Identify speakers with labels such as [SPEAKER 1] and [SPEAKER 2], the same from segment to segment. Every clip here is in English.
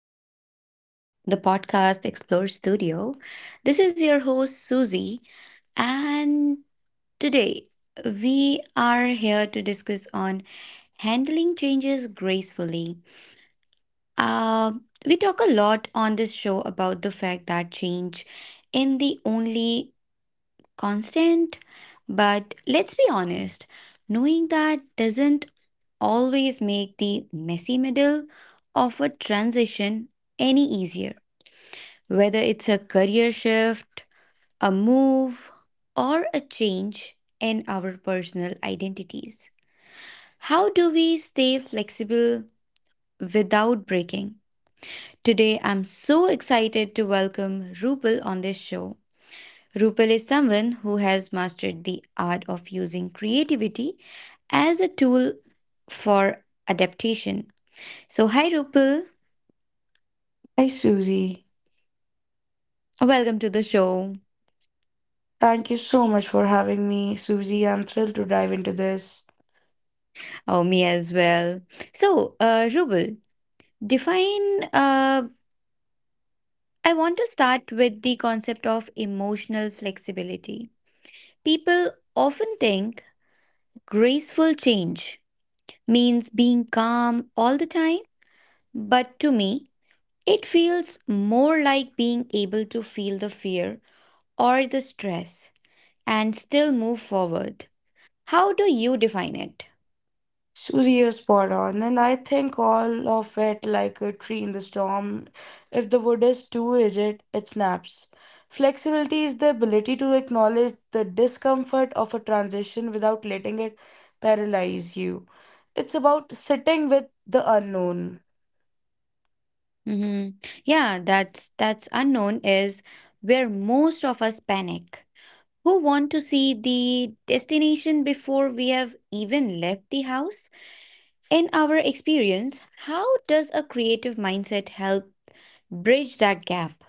[SPEAKER 1] to the podcast Explore Studio. This is your host Susie and today we are here to discuss on handling changes gracefully. Uh, we talk a lot on this show about the fact that change in the only constant. But let's be honest, knowing that doesn't always make the messy middle of a transition any easier. Whether it's a career shift, a move, or a change in our personal identities. How do we stay flexible without breaking? Today, I'm so excited to welcome Rupal on this show. Rupal is someone who has mastered the art of using creativity as a tool for adaptation. So, hi Rupal,
[SPEAKER 2] Hi, Susie.
[SPEAKER 1] welcome to the show.
[SPEAKER 2] Thank you so much for having me, Susie. I'm thrilled to dive into this.
[SPEAKER 1] Oh, me as well. So, Rupal, define. I want to start with the concept of emotional flexibility. People often think graceful change means being calm all the time, but to me, it feels more like being able to feel the fear or the stress and still move forward. How do you define it?
[SPEAKER 2] Susie, you're spot on, and I think all of it like a tree in the storm. If the wood is too rigid, it snaps. Flexibility is the ability to acknowledge the discomfort of a transition without letting it paralyze you. It's about sitting with the unknown.
[SPEAKER 1] Hmm. Yeah, that's unknown is where most of us panic. Who want to see the destination before we have even left the house? In our experience, how does a creative mindset help bridge that gap?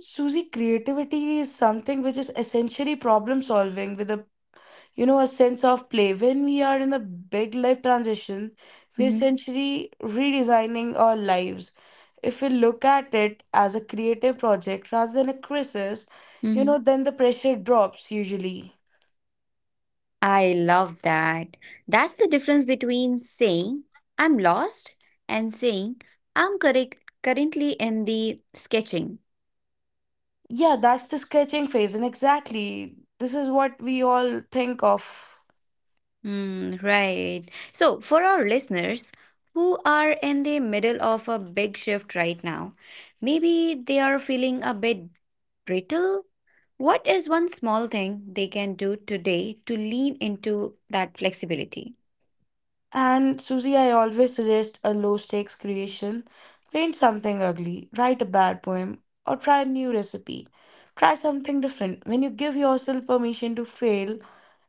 [SPEAKER 2] Susie, creativity is something which is essentially problem solving with a a sense of play. When we are in a big life transition, we're
[SPEAKER 1] Hmm,
[SPEAKER 2] essentially redesigning our lives. If we look at it as a creative project rather than a crisis, then the pressure drops usually.
[SPEAKER 1] I love that. That's the difference between saying I'm lost and saying I'm correct currently in the sketching.
[SPEAKER 2] Yeah, that's the sketching phase, and exactly this is what we all think of.
[SPEAKER 1] Hmm, right. So, for our listeners who are in the middle of a big shift right now, maybe they are feeling a bit brittle. What is one small thing they can do today to lean into that flexibility?
[SPEAKER 2] And Susie, I always suggest a low stakes creation. Paint something ugly, write a bad poem, or try a new recipe. Try something different. When you give yourself permission to fail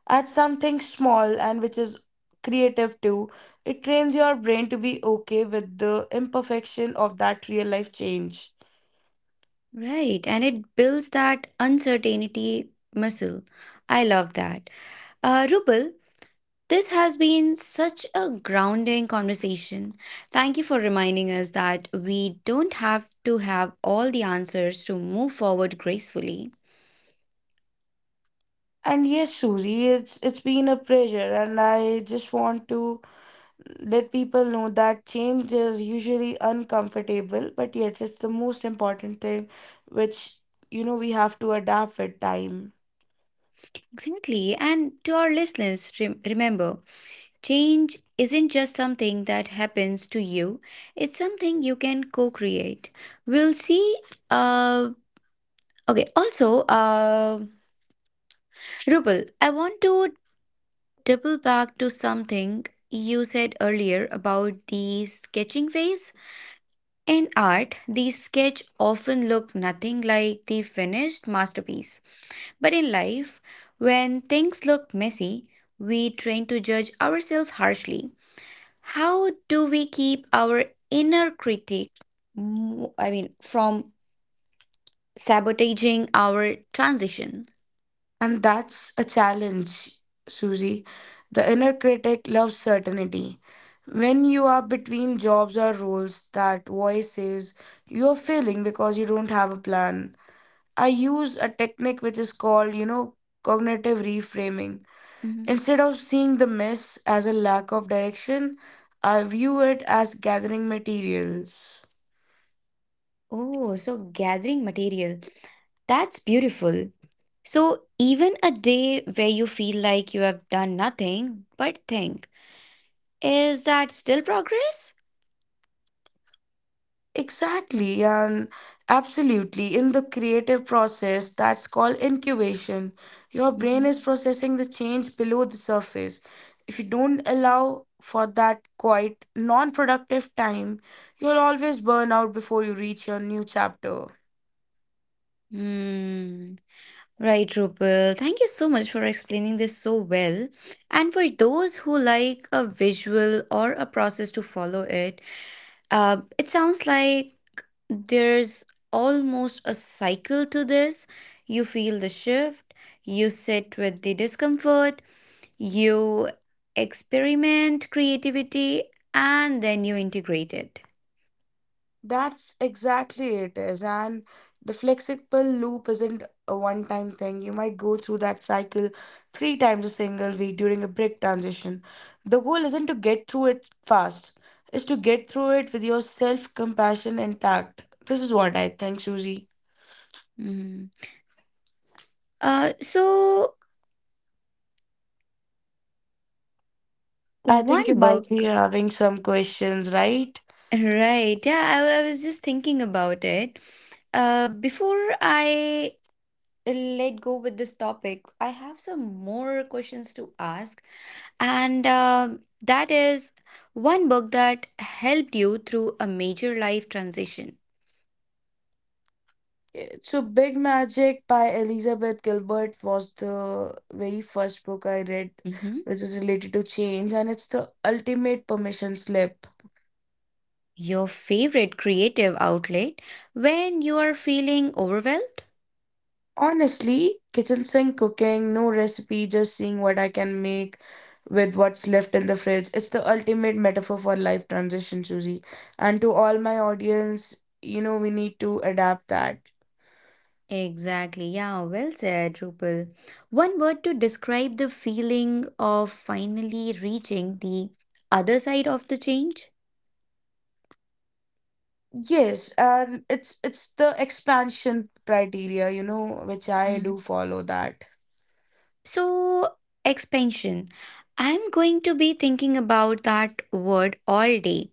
[SPEAKER 2] at something small and which is creative too, it trains your brain to be okay with the imperfection of that real life change.
[SPEAKER 1] Right, and it builds that uncertainty muscle. I love that. Rupal, this has been such a grounding conversation. Thank you for reminding us that we don't have to have all the answers to move forward gracefully.
[SPEAKER 2] And yes, Susie, it's been a pleasure, and I just want to let people know that change is usually uncomfortable, but yet it's the most important thing which we have to adapt with time.
[SPEAKER 1] Exactly, and to our listeners, remember change isn't just something that happens to you, it's something you can co create. We'll see. Uh, okay, also, Rupal, I want to double back to something you said earlier about the sketching phase. In art, the sketch often look nothing like the finished masterpiece. But in life, when things look messy, we train to judge ourselves harshly. How do we keep our inner critic, from sabotaging our transition?
[SPEAKER 2] And that's a challenge, Susie. The inner critic loves certainty. When you are between jobs or roles, that voice says you're failing because you don't have a plan. I use a technique which is called, cognitive reframing.
[SPEAKER 1] Mm-hmm.
[SPEAKER 2] Instead of seeing the mess as a lack of direction, I view it as gathering materials.
[SPEAKER 1] Oh, so gathering material. That's beautiful. So, even a day where you feel like you have done nothing but think, is that still progress?
[SPEAKER 2] Exactly, and absolutely. In the creative process, that's called incubation. Your brain
[SPEAKER 1] Mhm.
[SPEAKER 2] is processing the change below the surface. If you don't allow for that quite non productive time, you'll always burn out before you reach your new chapter.
[SPEAKER 1] Hmm. Right, Rupal. Thank you so much for explaining this so well. And for those who like a visual or a process to follow it, it sounds like there's almost a cycle to this. You feel the shift, you sit with the discomfort, you experiment creativity, and then you integrate it.
[SPEAKER 2] That's exactly it is. And the flexible loop isn't a one-time thing. You might go through that cycle three times a single week during a break transition. The goal isn't to get through it fast, it's to get through it with your self-compassion intact. This is what I think, Susie.
[SPEAKER 1] Mhm. Uh, so,
[SPEAKER 2] I think you
[SPEAKER 1] one
[SPEAKER 2] might be
[SPEAKER 1] book,
[SPEAKER 2] having some questions, right?
[SPEAKER 1] right? Yeah, I was just thinking about it. Before I let go with this topic, I have some more questions to ask. And That is one book that helped you through a major life transition.
[SPEAKER 2] Yeah, so, Big Magic by Elizabeth Gilbert was the very first book I read,
[SPEAKER 1] Hmm.
[SPEAKER 2] which is related to change, and it's the ultimate permission slip.
[SPEAKER 1] Your favorite creative outlet when you are feeling overwhelmed?
[SPEAKER 2] Honestly, kitchen sink cooking, no recipe, just seeing what I can make with what's left in the fridge. It's the ultimate metaphor for life transition, Susie. And to all my audience, we need to adapt that.
[SPEAKER 1] Exactly, yeah, well said, Rupal. One word to describe the feeling of finally reaching the other side of the change?
[SPEAKER 2] Yes, and it's the expansion criteria, which I do
[SPEAKER 1] Hmm.
[SPEAKER 2] follow that.
[SPEAKER 1] So, expansion. I'm going to be thinking about that word all day.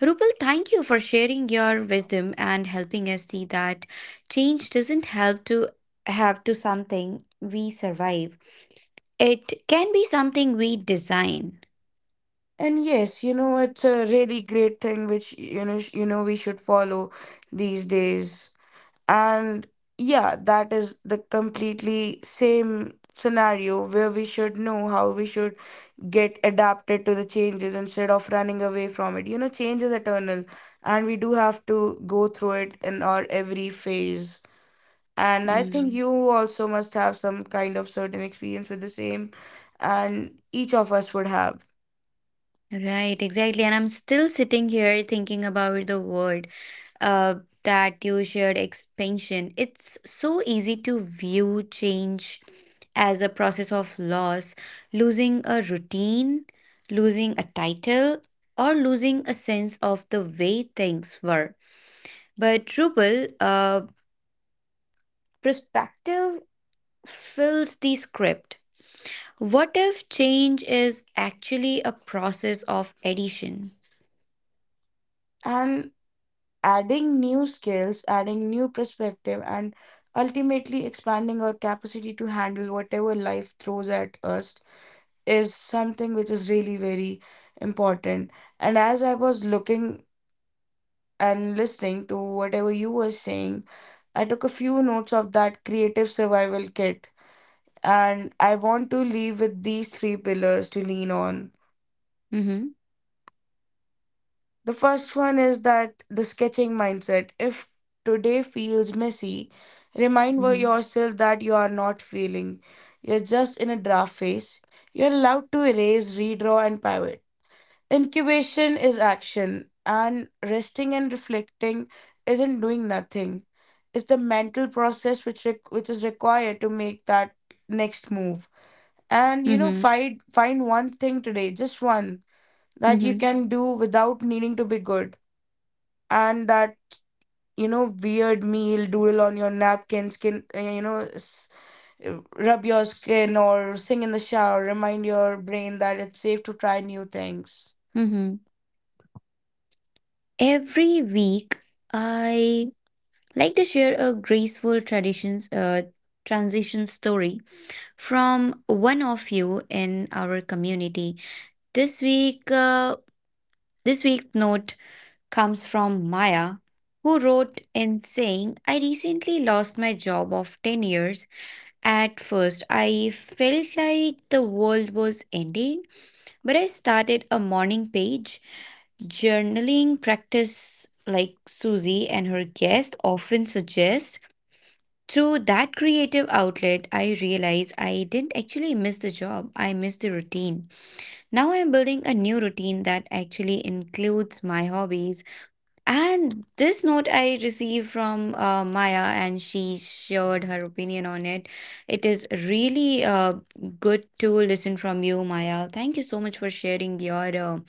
[SPEAKER 1] Rupal, thank you for sharing your wisdom and helping us see that change doesn't have to something we survive. It can be something we design.
[SPEAKER 2] And yes, it's a really great thing which we should follow these days. And yeah, that is the completely same scenario where we should know how we should get adapted to the changes instead of running away from it. Change is eternal and we do have to go through it in our every phase. And I think
[SPEAKER 1] Mm.
[SPEAKER 2] you also must have some kind of certain experience with the same, and each of us would have.
[SPEAKER 1] Right, exactly. And I'm still sitting here thinking about the word uh, that you shared expansion. It's so easy to view change as a process of loss, losing a routine, losing a title, or losing a sense of the way things were. But Drupal, perspective fills the script. What if change is actually a process of addition?
[SPEAKER 2] And adding new skills, adding new perspective, and ultimately expanding our capacity to handle whatever life throws at us is something which is really very important. And as I was looking and listening to whatever you were saying, I took a few notes of that creative survival kit. And I want to leave with these three pillars to lean on.
[SPEAKER 1] Mm-hmm.
[SPEAKER 2] The first one is that the sketching mindset. If today feels messy, remind
[SPEAKER 1] Mm-hmm.
[SPEAKER 2] yourself that you are not feeling. You're just in a draft phase. You're allowed to erase, redraw, and pivot. Incubation is action, and resting and reflecting isn't doing nothing. It's the mental process which is required to make that next move. And you know,
[SPEAKER 1] Mm-hmm.
[SPEAKER 2] find find one thing today, just one that you
[SPEAKER 1] Mm-hmm.
[SPEAKER 2] can do without needing to be good, and that, weird meal doodle on your napkin skin, rub your skin or sing in the shower. Remind your brain that it's safe to try new things.
[SPEAKER 1] Mm-hmm. Every week, I like to share a graceful traditions transition story from one of you in our community. This week, uh, this week note comes from Maya, who wrote in saying, "I recently lost my job of ten years. At first, I felt like the world was ending, but I started a morning page." Journaling practice, like Susie and her guest often suggest, through that creative outlet, I realized I didn't actually miss the job, I missed the routine. Now I'm building a new routine that actually includes my hobbies. And this note I received from Maya, and she shared her opinion on it. It is really good to listen from you, Maya. Thank you so much for sharing your.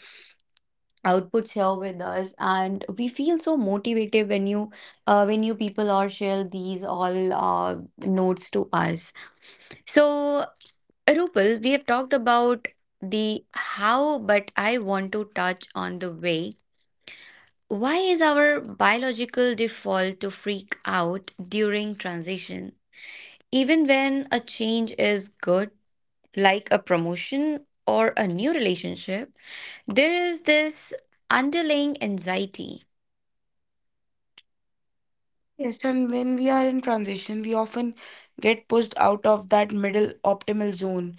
[SPEAKER 1] Outputs here with us and we feel so motivated when you people or share these all notes to us. So Rupal, we have talked about the how, but I want to touch on the way. Why is our biological default to freak out during transition, even when a change is good, like a promotion or a new relationship? There is this underlying anxiety.
[SPEAKER 2] Yes, and when we are in transition we often get pushed out of that middle optimal zone.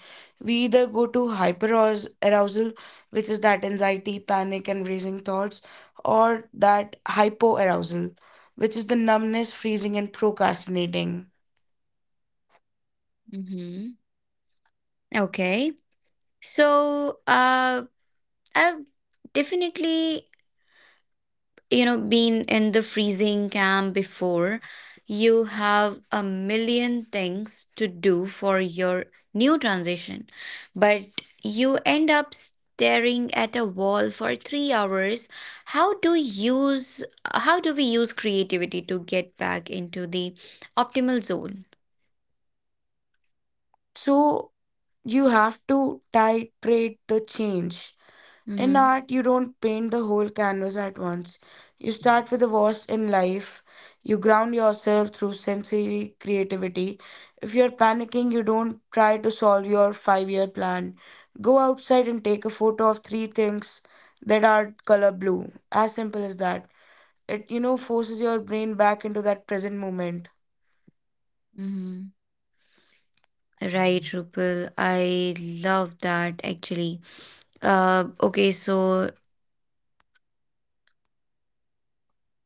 [SPEAKER 2] We either go to arousal, which is that anxiety, panic and racing thoughts, or that hypo arousal, which is the numbness, freezing and procrastinating.
[SPEAKER 1] Mm-hmm. Okay. So, I've definitely, you know, been in the freezing camp before. You have a million things to do for your new transition, but you end up staring at a wall for three hours. How do you use, how do we use creativity to get back into the optimal zone?
[SPEAKER 2] So, you have to titrate the change. In
[SPEAKER 1] Mm-hmm.
[SPEAKER 2] art, you don't paint the whole canvas at once. You start with the worst in life. You ground yourself through sensory creativity. If you're panicking, you don't try to solve your 5-year plan. Go outside and take a photo of three things that are color blue. As simple as that. It, forces your brain back into that present moment.
[SPEAKER 1] Mm-hmm. Right, Rupal. I love that actually. Okay, so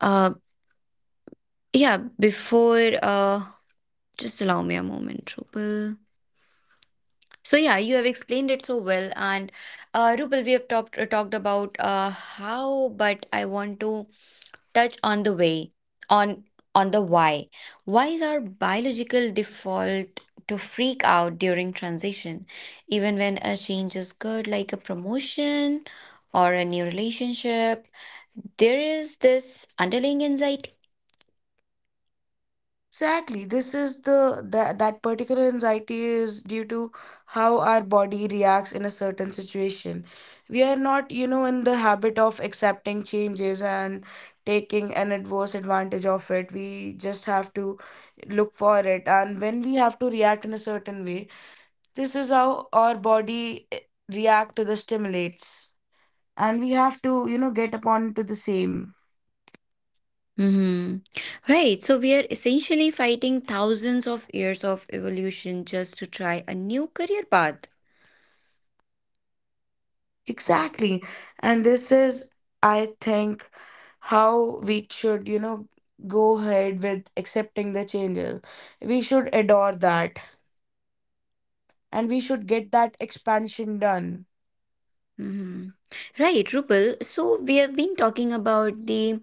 [SPEAKER 1] uh, yeah, before Just allow me a moment, Rupal. So yeah, you have explained it so well, and Rupal, we have talked about how, but I want to touch on the way on on the why. Why is our biological default to freak out during transition, even when a change is good, like a promotion or a new relationship? There is this underlying anxiety.
[SPEAKER 2] Exactly. This is the that that particular anxiety is due to how our body reacts in a certain situation. We are not, in the habit of accepting changes and taking an adverse advantage of it. We just have to look for it. And when we have to react in a certain way, this is how our body, react to the stimulates. And we have to, get upon to the same.
[SPEAKER 1] Hmm. Right. So we are essentially fighting thousands of years of evolution just to try a new career path.
[SPEAKER 2] Exactly. And this is, I think, how we should, go ahead with accepting the changes. We should adore that and we should get that expansion done.
[SPEAKER 1] Mhm. Right, Rupal. So we have been talking about the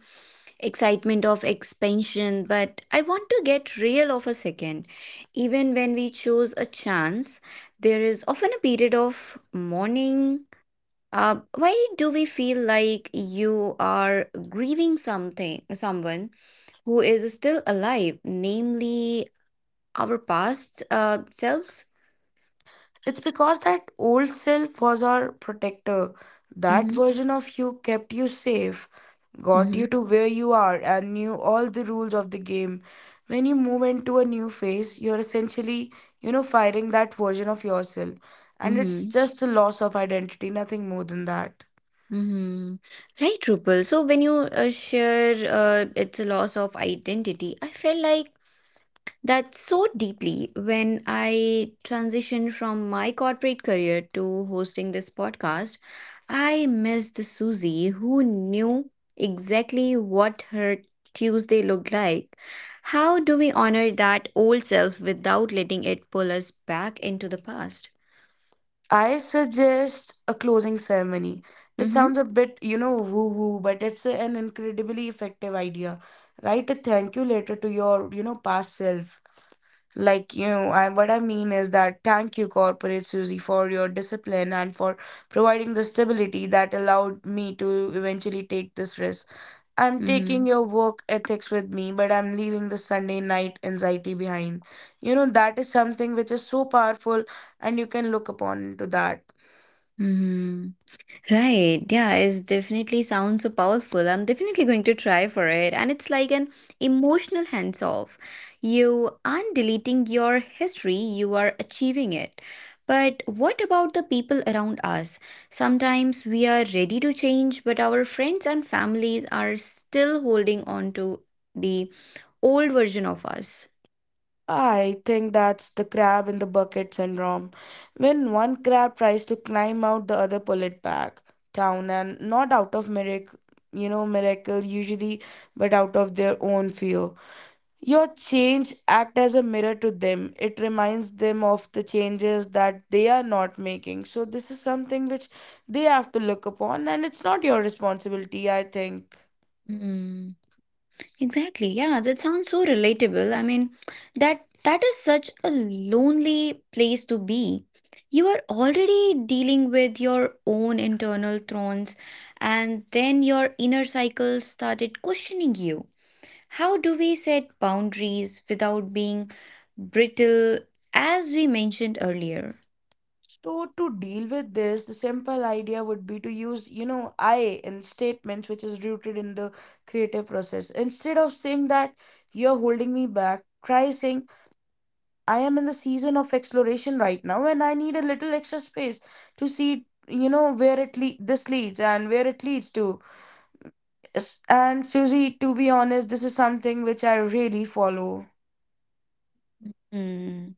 [SPEAKER 1] excitement of expansion, but I want to get real of a second. Even when we choose a chance, there is often a period of mourning. Why do we feel like you are grieving something, someone who is still alive, namely our past selves?
[SPEAKER 2] It's because that old self was our protector. That
[SPEAKER 1] Mm-hmm.
[SPEAKER 2] version of you kept you safe, got you to where you are and knew all the rules of the game. When you move into a new phase, you're essentially, fighting that version of yourself. And it's
[SPEAKER 1] Mm-hmm.
[SPEAKER 2] just a loss of identity, nothing more than that.
[SPEAKER 1] Mhm. Right, Rupal. So when you share it's a loss of identity, I felt like that so deeply when I transitioned from my corporate career to hosting this podcast. I missed the Susie who knew exactly what her Tuesday looked like. How do we honor that old self without letting it pull us back into the past?
[SPEAKER 2] I suggest a closing ceremony. It
[SPEAKER 1] Mm-hmm.
[SPEAKER 2] sounds a bit, woo woo, but it's an incredibly effective idea. Write a thank you letter to your, past self. Like, what I mean is that thank you, Corporate Susie, for your discipline and for providing the stability that allowed me to eventually take this risk. I'm
[SPEAKER 1] Mm-hmm.
[SPEAKER 2] taking your work ethics with me, but I'm leaving the Sunday night anxiety behind. That is something which is so powerful, and you can look upon into that.
[SPEAKER 1] Mm-hmm. Right. Yeah, it definitely sounds so powerful. I'm definitely going to try for it. And it's like an emotional hands off. You aren't deleting your history, you are achieving it. But what about the people around us? Sometimes we are ready to change, but our friends and families are still holding on to the old version of us.
[SPEAKER 2] I think that's the crab in the bucket syndrome. When one crab tries to climb out, the other pull it back down, and not out of miracle, usually, but out of their own fear. Your change act as a mirror to them. It reminds them of the changes that they are not making. So this is something which they have to look upon, and it's not your responsibility, I think.
[SPEAKER 1] Hmm. Exactly. Yeah, that sounds so relatable. I mean, that is such a lonely place to be. You are already dealing with your own internal thorns, and then your inner cycle started questioning you. How do we set boundaries without being brittle, as we mentioned earlier?
[SPEAKER 2] So to deal with this, the simple idea would be to use, I in statements which is rooted in the creative process. Instead of saying that you're holding me back, try saying I am in the season of exploration right now and I need a little extra space to see, this leads and where it leads to. Yes, and Susie, to be honest, this is something which I really follow.
[SPEAKER 1] Hmm.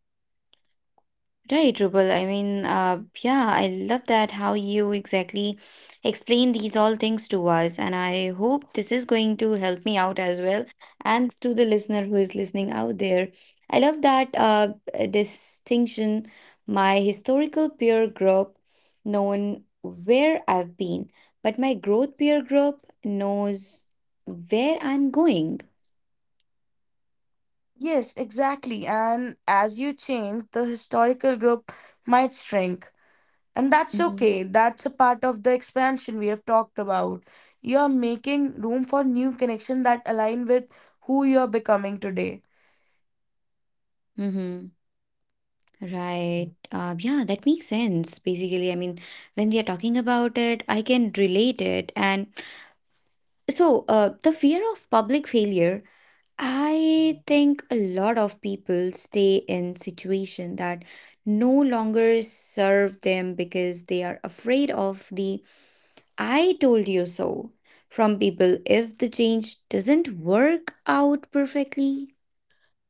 [SPEAKER 1] Right, Rubal. I mean, yeah, I love that how you exactly explain these all things to us, and I hope this is going to help me out as well, and to the listener who is listening out there. I love that distinction. My historical peer group known where I've been, but my growth peer group knows where I'm going.
[SPEAKER 2] Yes, exactly. And as you change, the historical group might shrink. And that's
[SPEAKER 1] Mm-hmm.
[SPEAKER 2] okay. That's a part of the expansion we have talked about. You're making room for new connections that align with who you're becoming today.
[SPEAKER 1] Mm-hmm. Right. Yeah, that makes sense. Basically, I mean, when we are talking about it, I can relate it. And so, the fear of public failure, I think a lot of people stay in situation that no longer serve them because they are afraid of the "I told you so" from people if the change doesn't work out perfectly.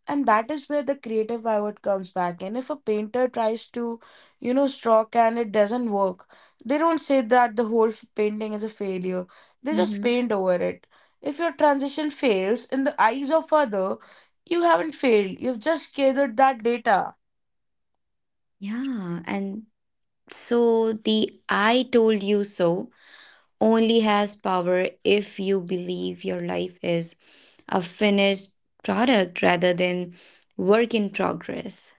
[SPEAKER 2] And that is where the creative pivot comes back. And if a painter tries to, stroke and it doesn't work, they don't say that the whole painting is a failure. They just
[SPEAKER 1] Mm-hmm.
[SPEAKER 2] paint over it. If your transition fails in the eyes of other, you haven't failed. You've just gathered that data.
[SPEAKER 1] Yeah, and so the "I told you so." only has power if you believe your life is a finished product rather than work in progress.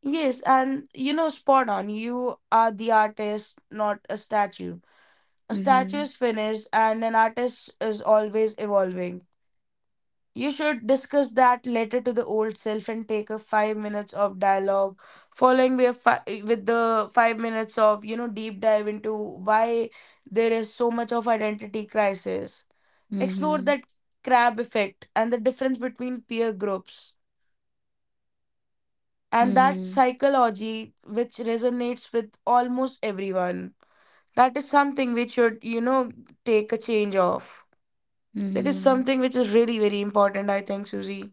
[SPEAKER 2] Yes, and spot on. You are the artist, not a statue. A statue
[SPEAKER 1] Mm-hmm.
[SPEAKER 2] is finished, and an artist is always evolving. You should discuss that letter to the old self and take a 5 minutes of dialogue, with the 5 minutes of, deep dive into why there is so much of identity crisis. Explore
[SPEAKER 1] Mm-hmm.
[SPEAKER 2] that crab effect and the difference between peer groups, and that
[SPEAKER 1] Mm-hmm.
[SPEAKER 2] psychology which resonates with almost everyone. That is something which should, take a change of, that is
[SPEAKER 1] Mm-hmm.
[SPEAKER 2] something which is really very important, I think, Susie.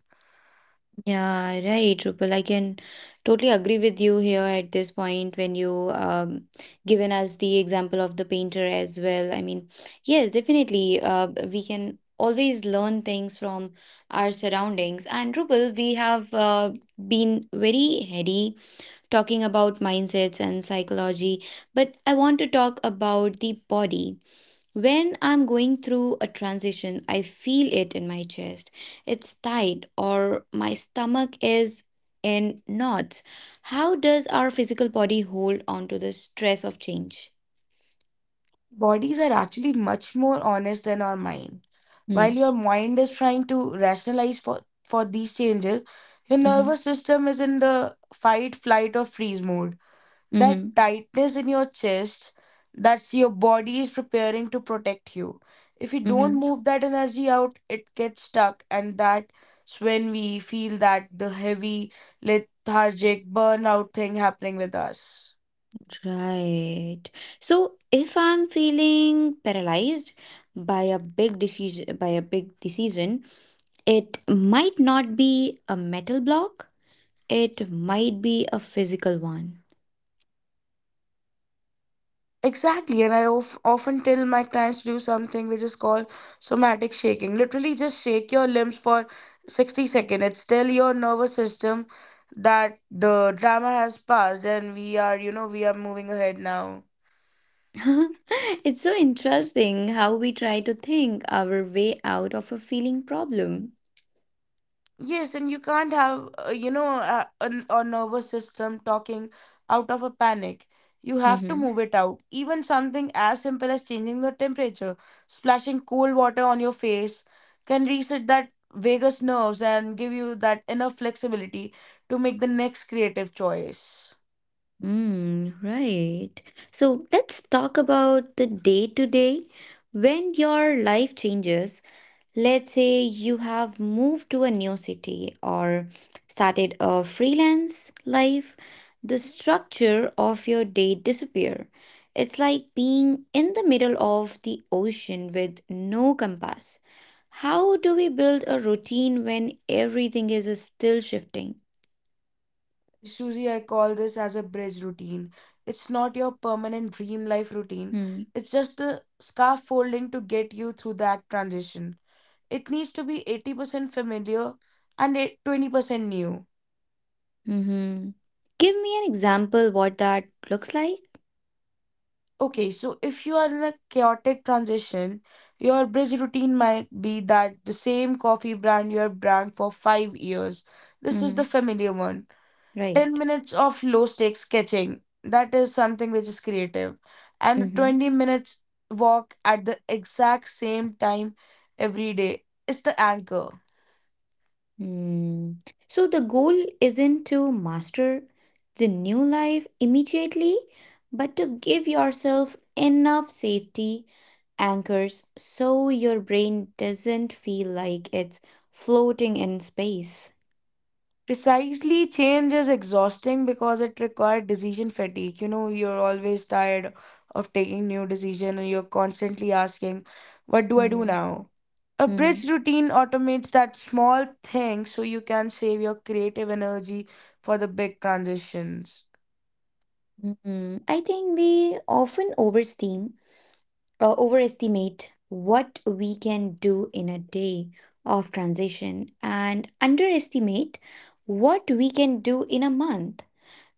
[SPEAKER 1] Yeah, right, Rupal. I can totally agree with you here at this point when you given us the example of the painter as well. I mean, yes, definitely. We can always learn things from our surroundings. And Rupal, we have been very heady talking about mindsets and psychology, but I want to talk about the body. When I'm going through a transition, I feel it in my chest. It's tight, or my stomach is in knots. How does our physical body hold on to the stress of change?
[SPEAKER 2] Bodies are actually much more honest than our mind. While
[SPEAKER 1] Hmm.
[SPEAKER 2] your mind is trying to rationalize for these changes, your
[SPEAKER 1] Mm-hmm.
[SPEAKER 2] nervous system is in the fight, flight or freeze mode. That
[SPEAKER 1] Mm-hmm.
[SPEAKER 2] tightness in your chest, that's your body is preparing to protect you. If you don't
[SPEAKER 1] Mm-hmm.
[SPEAKER 2] move that energy out, it gets stuck, and that's when we feel that the heavy, lethargic, burnout thing happening with us.
[SPEAKER 1] Right. So if I'm feeling paralyzed by a big decision, it might not be a metal block. It might be a physical one.
[SPEAKER 2] Exactly, and I often tell my clients to do something which is called somatic shaking. Literally, just shake your limbs for 60 seconds. It's tell your nervous system that the drama has passed and we are moving ahead now.
[SPEAKER 1] It's so interesting how we try to think our way out of a feeling problem.
[SPEAKER 2] Yes, and you can't have, a nervous system talking out of a panic. You have to
[SPEAKER 1] Mm-hmm.
[SPEAKER 2] move it out. Even something as simple as changing the temperature, splashing cold water on your face, can reset that vagus nerves and give you that enough flexibility to make the next creative choice.
[SPEAKER 1] Mm, right. So let's talk about the day to day when your life changes. Let's say you have moved to a new city or started a freelance life, the structure of your day disappear. It's like being in the middle of the ocean with no compass. How do we build a routine when everything is still shifting?
[SPEAKER 2] Susie, I call this as a bridge routine. It's not your permanent dream life routine.
[SPEAKER 1] Hmm.
[SPEAKER 2] It's just the scaffolding to get you through that transition it needs to be 80% familiar and 20% new.
[SPEAKER 1] Mm-hmm. Give me an example what that looks like.
[SPEAKER 2] Okay, so if you are in a chaotic transition, your bridge routine might be that the same coffee brand you have drank for 5 years. This is
[SPEAKER 1] Mm-hmm.
[SPEAKER 2] the familiar one. 10
[SPEAKER 1] Right.
[SPEAKER 2] minutes of low stakes sketching. That is something which is creative. And
[SPEAKER 1] Mm-hmm.
[SPEAKER 2] 20 minutes walk at the exact same time every day. It's the anchor.
[SPEAKER 1] Hmm. So the goal isn't to master the new life immediately, but to give yourself enough safety anchors so your brain doesn't feel like it's floating in space.
[SPEAKER 2] Precisely, change is exhausting because it requires decision fatigue. You know, you're always tired of taking new decision and you're constantly asking, what do I do
[SPEAKER 1] Mm-hmm.
[SPEAKER 2] now? A
[SPEAKER 1] Mm-hmm.
[SPEAKER 2] bridge routine automates that small thing so you can save your creative energy for the big transitions.
[SPEAKER 1] Mm-hmm. I think we often overestimate, overestimate what we can do in a day of transition and underestimate what we can do in a month.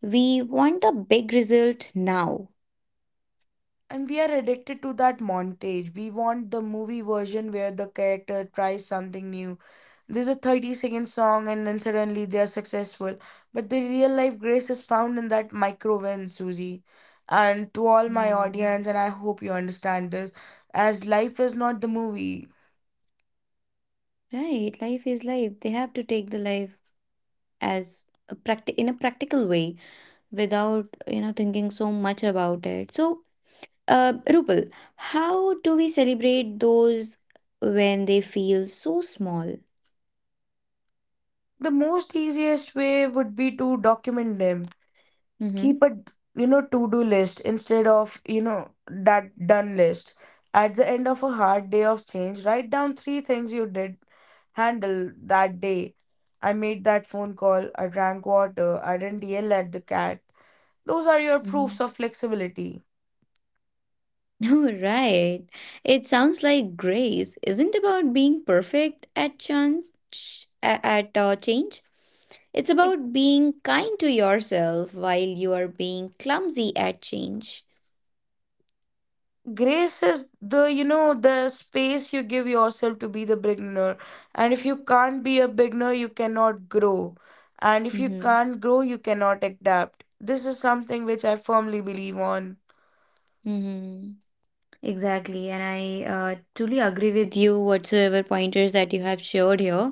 [SPEAKER 1] We want a big result now.
[SPEAKER 2] And we are addicted to that montage. We want the movie version where the character tries something new. There's a 30-second song and then suddenly they are successful. But the real life grace is found in that micro win, Susie. And to all my
[SPEAKER 1] Mm.
[SPEAKER 2] audience, and I hope you understand this, as life is not the movie,
[SPEAKER 1] Right, life is life. They have to take the life in a practical way without, you know, thinking so much about it. So, Rupal, how do we celebrate those when they feel so small?
[SPEAKER 2] the most easiest way would be to document them.
[SPEAKER 1] Mm-hmm.
[SPEAKER 2] Keep a to-do list instead of that done list. At the end of a hard day of change, write down 3 things you did handle that day. I made that phone call, I drank water, I didn't yell at the cat. Those are your
[SPEAKER 1] Mhm.
[SPEAKER 2] proofs of flexibility.
[SPEAKER 1] Oh, right. It sounds like grace isn't about being perfect at change. It's
[SPEAKER 2] Like,
[SPEAKER 1] about being kind to yourself while you are being clumsy at change.
[SPEAKER 2] grace is the, you know, the space you give yourself to be the beginner. And if you can't be a beginner, you cannot grow. And if you
[SPEAKER 1] Mm-hmm.
[SPEAKER 2] can't grow, you cannot adapt. This is something which I firmly believe on.
[SPEAKER 1] Mm-hmm. Exactly. And I truly agree with you, whatsoever pointers that you have shared here.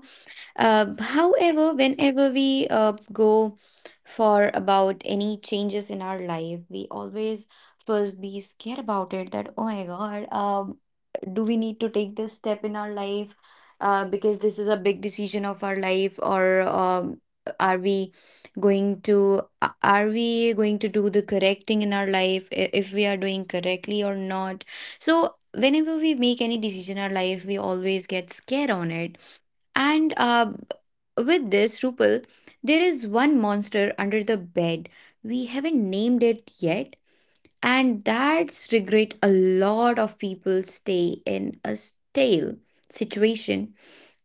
[SPEAKER 1] However, whenever we go for about any changes in our life, we always first be scared about it that, oh my God, do we need to take this step in our life? Because this is a big decision of our life, or are we are we going to do the correct thing in our life? If we are doing correctly or not? So whenever we make any decision in our life, we always get scared on it and with this, Rupal, there is one monster under the bed. We haven't named it yet, and that's regret. A lot of people stay in a stale situation,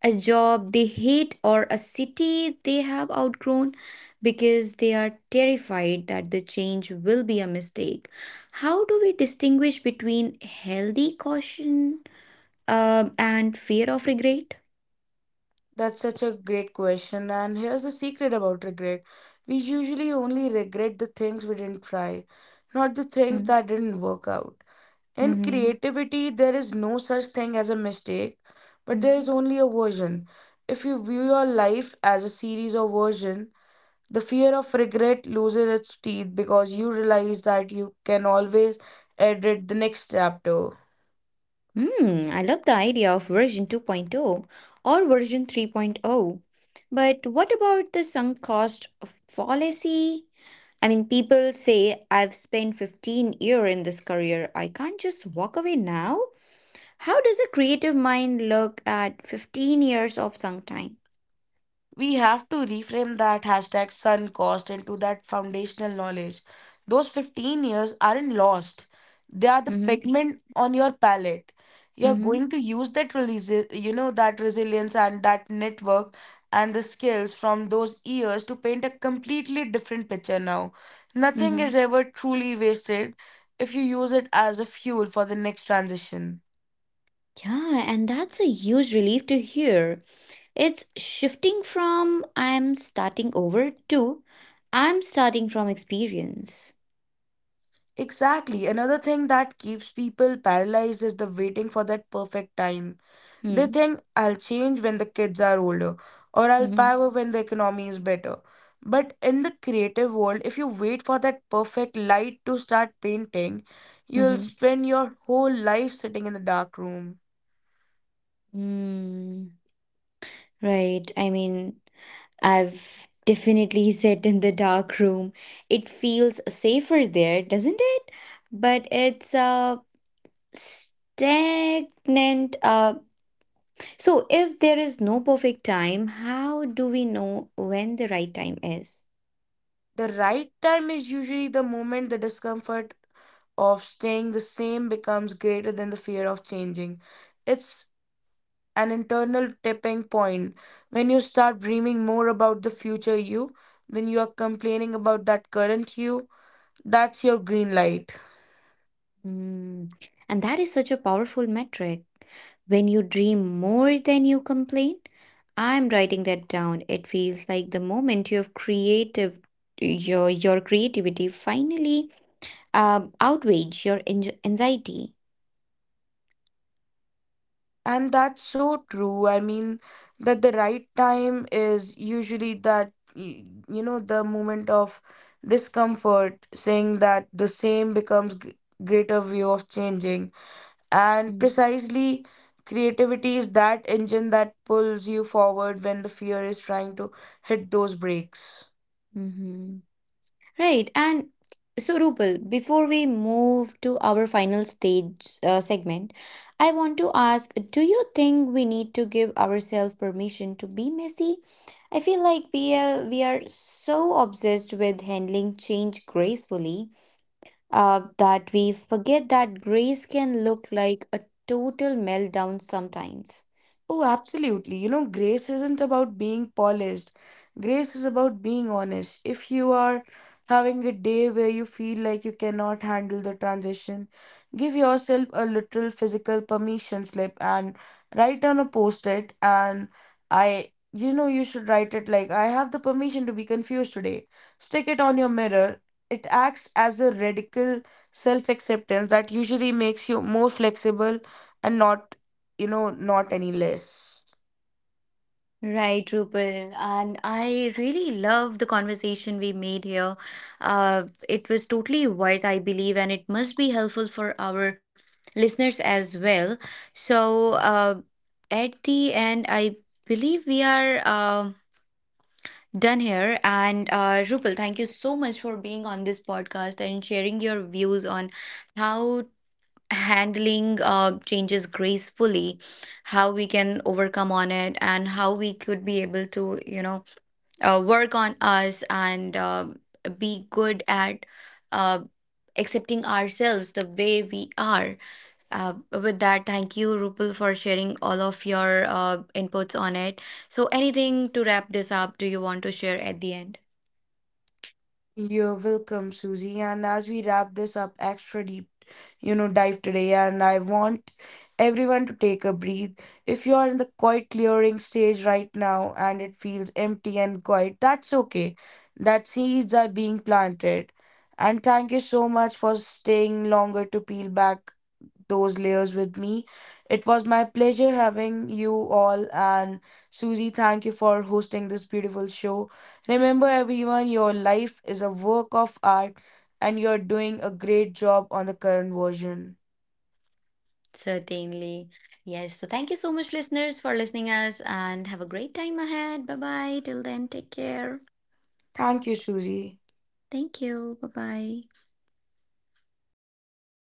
[SPEAKER 1] a job they hate, or a city they have outgrown because they are terrified that the change will be a mistake. How do we distinguish between healthy caution and fear of regret?
[SPEAKER 2] That's such a great question. And here's the secret about regret. We usually only regret the things we didn't try, not the things
[SPEAKER 1] Hmm.
[SPEAKER 2] that didn't work out. In
[SPEAKER 1] Mm-hmm.
[SPEAKER 2] creativity, there is no such thing as a mistake, but there
[SPEAKER 1] Mm-hmm.
[SPEAKER 2] is only a version. If you view your life as a series of versions, the fear of regret loses its teeth because you realize that you can always edit the next chapter.
[SPEAKER 1] Hmm, I love the idea of version 2.0 or version 3.0. But what about the sunk cost fallacy? I mean, people say, I've spent 15 years in this career. I can't just walk away now. How does a creative mind look at 15 years of sunk time?
[SPEAKER 2] We have to reframe that hashtag sun cost into that foundational knowledge. Those 15 years aren't lost, they are the
[SPEAKER 1] Mm-hmm,
[SPEAKER 2] pigment on your palette. You're
[SPEAKER 1] mm-hmm,
[SPEAKER 2] going to use that release, you know, that resilience and that network and the skills from those years to paint a completely different picture now. Nothing
[SPEAKER 1] mm-hmm.
[SPEAKER 2] is ever truly wasted if you use it as a fuel for the next transition.
[SPEAKER 1] Yeah, and that's a huge relief to hear. It's shifting from I'm starting over to I'm starting from experience.
[SPEAKER 2] Exactly. Another thing that keeps people paralyzed is the waiting for that perfect time. They
[SPEAKER 1] Hmm.
[SPEAKER 2] think I'll change when the kids are older or I'll
[SPEAKER 1] Mm,
[SPEAKER 2] power when the economy is better. But in the creative world, if you wait for that perfect light to start painting,
[SPEAKER 1] mhm,
[SPEAKER 2] you'll
[SPEAKER 1] mhm,
[SPEAKER 2] spend your whole life sitting in the dark room.
[SPEAKER 1] mm. Right. I mean, I've definitely sat in the dark room. It feels safer there, doesn't it? But it's stagnant. So if there is no perfect time, how do we know when the right time is?
[SPEAKER 2] The right time is usually the moment the discomfort of staying the same becomes greater than the fear of changing. It's an internal tipping point. When you start dreaming more about the future you, then you are complaining about that current you. That's your green light.
[SPEAKER 1] Mm. And that is such a powerful metric. When you dream more than you complain, I'm writing that down. It feels like the moment your creative your creativity finally outweighs your anxiety.
[SPEAKER 2] And that's so true. I mean, that the right time is usually that, you know, the moment of discomfort, saying that the same becomes greater way of changing. And precisely, creativity is that engine that pulls you forward when the fear is trying to hit those brakes.
[SPEAKER 1] Mm-hmm. Right, and so Rupal, before we move to our final stage segment, I want to ask, do you think we need to give ourselves permission to be messy? I feel like we are so obsessed with handling change gracefully that we forget that grace can look like a total meltdown sometimes.
[SPEAKER 2] Oh, absolutely. You know, grace isn't about being polished. Grace is about being honest. If you are having a day where you feel like you cannot handle the transition, give yourself a literal physical permission slip and write on a post-it and, I you know you should write it like I have the permission to be confused today. Stick it on your mirror. It acts as a radical self-acceptance that usually makes you more flexible and not, you know, not any less.
[SPEAKER 1] Right, Rupal. And I really love the conversation we made here. It was totally worth, I believe, and it must be helpful for our listeners as well. So, at the end, I believe we are done here. And Rupal, thank you so much for being on this podcast and sharing your views on how handling changes gracefully, how we can overcome on it, and how we could be able to, you know, work on us and be good at uh, accepting ourselves the way we are. With that, thank you, Rupal, for sharing all of your inputs on it. So, anything to wrap this up, do you want to share at the end?
[SPEAKER 2] You're welcome, Susie. And as we wrap this up extra deep, you know, dive today, and I want everyone to take a breath. If you're in the quiet clearing stage right now and it feels empty and quiet, that's okay. That seeds are being planted. And thank you so much for staying longer to peel back those layers with me. It was my pleasure having you all, and Susie, thank you for hosting this beautiful show. Remember, everyone, your life is a work of art, and you're doing a great job on the current version.
[SPEAKER 1] Certainly. Yes. So, thank you so much, listeners, for listening us and have a great time ahead. Bye bye. Till then, take care.
[SPEAKER 2] Thank you, Susie.
[SPEAKER 1] Thank you. Bye bye.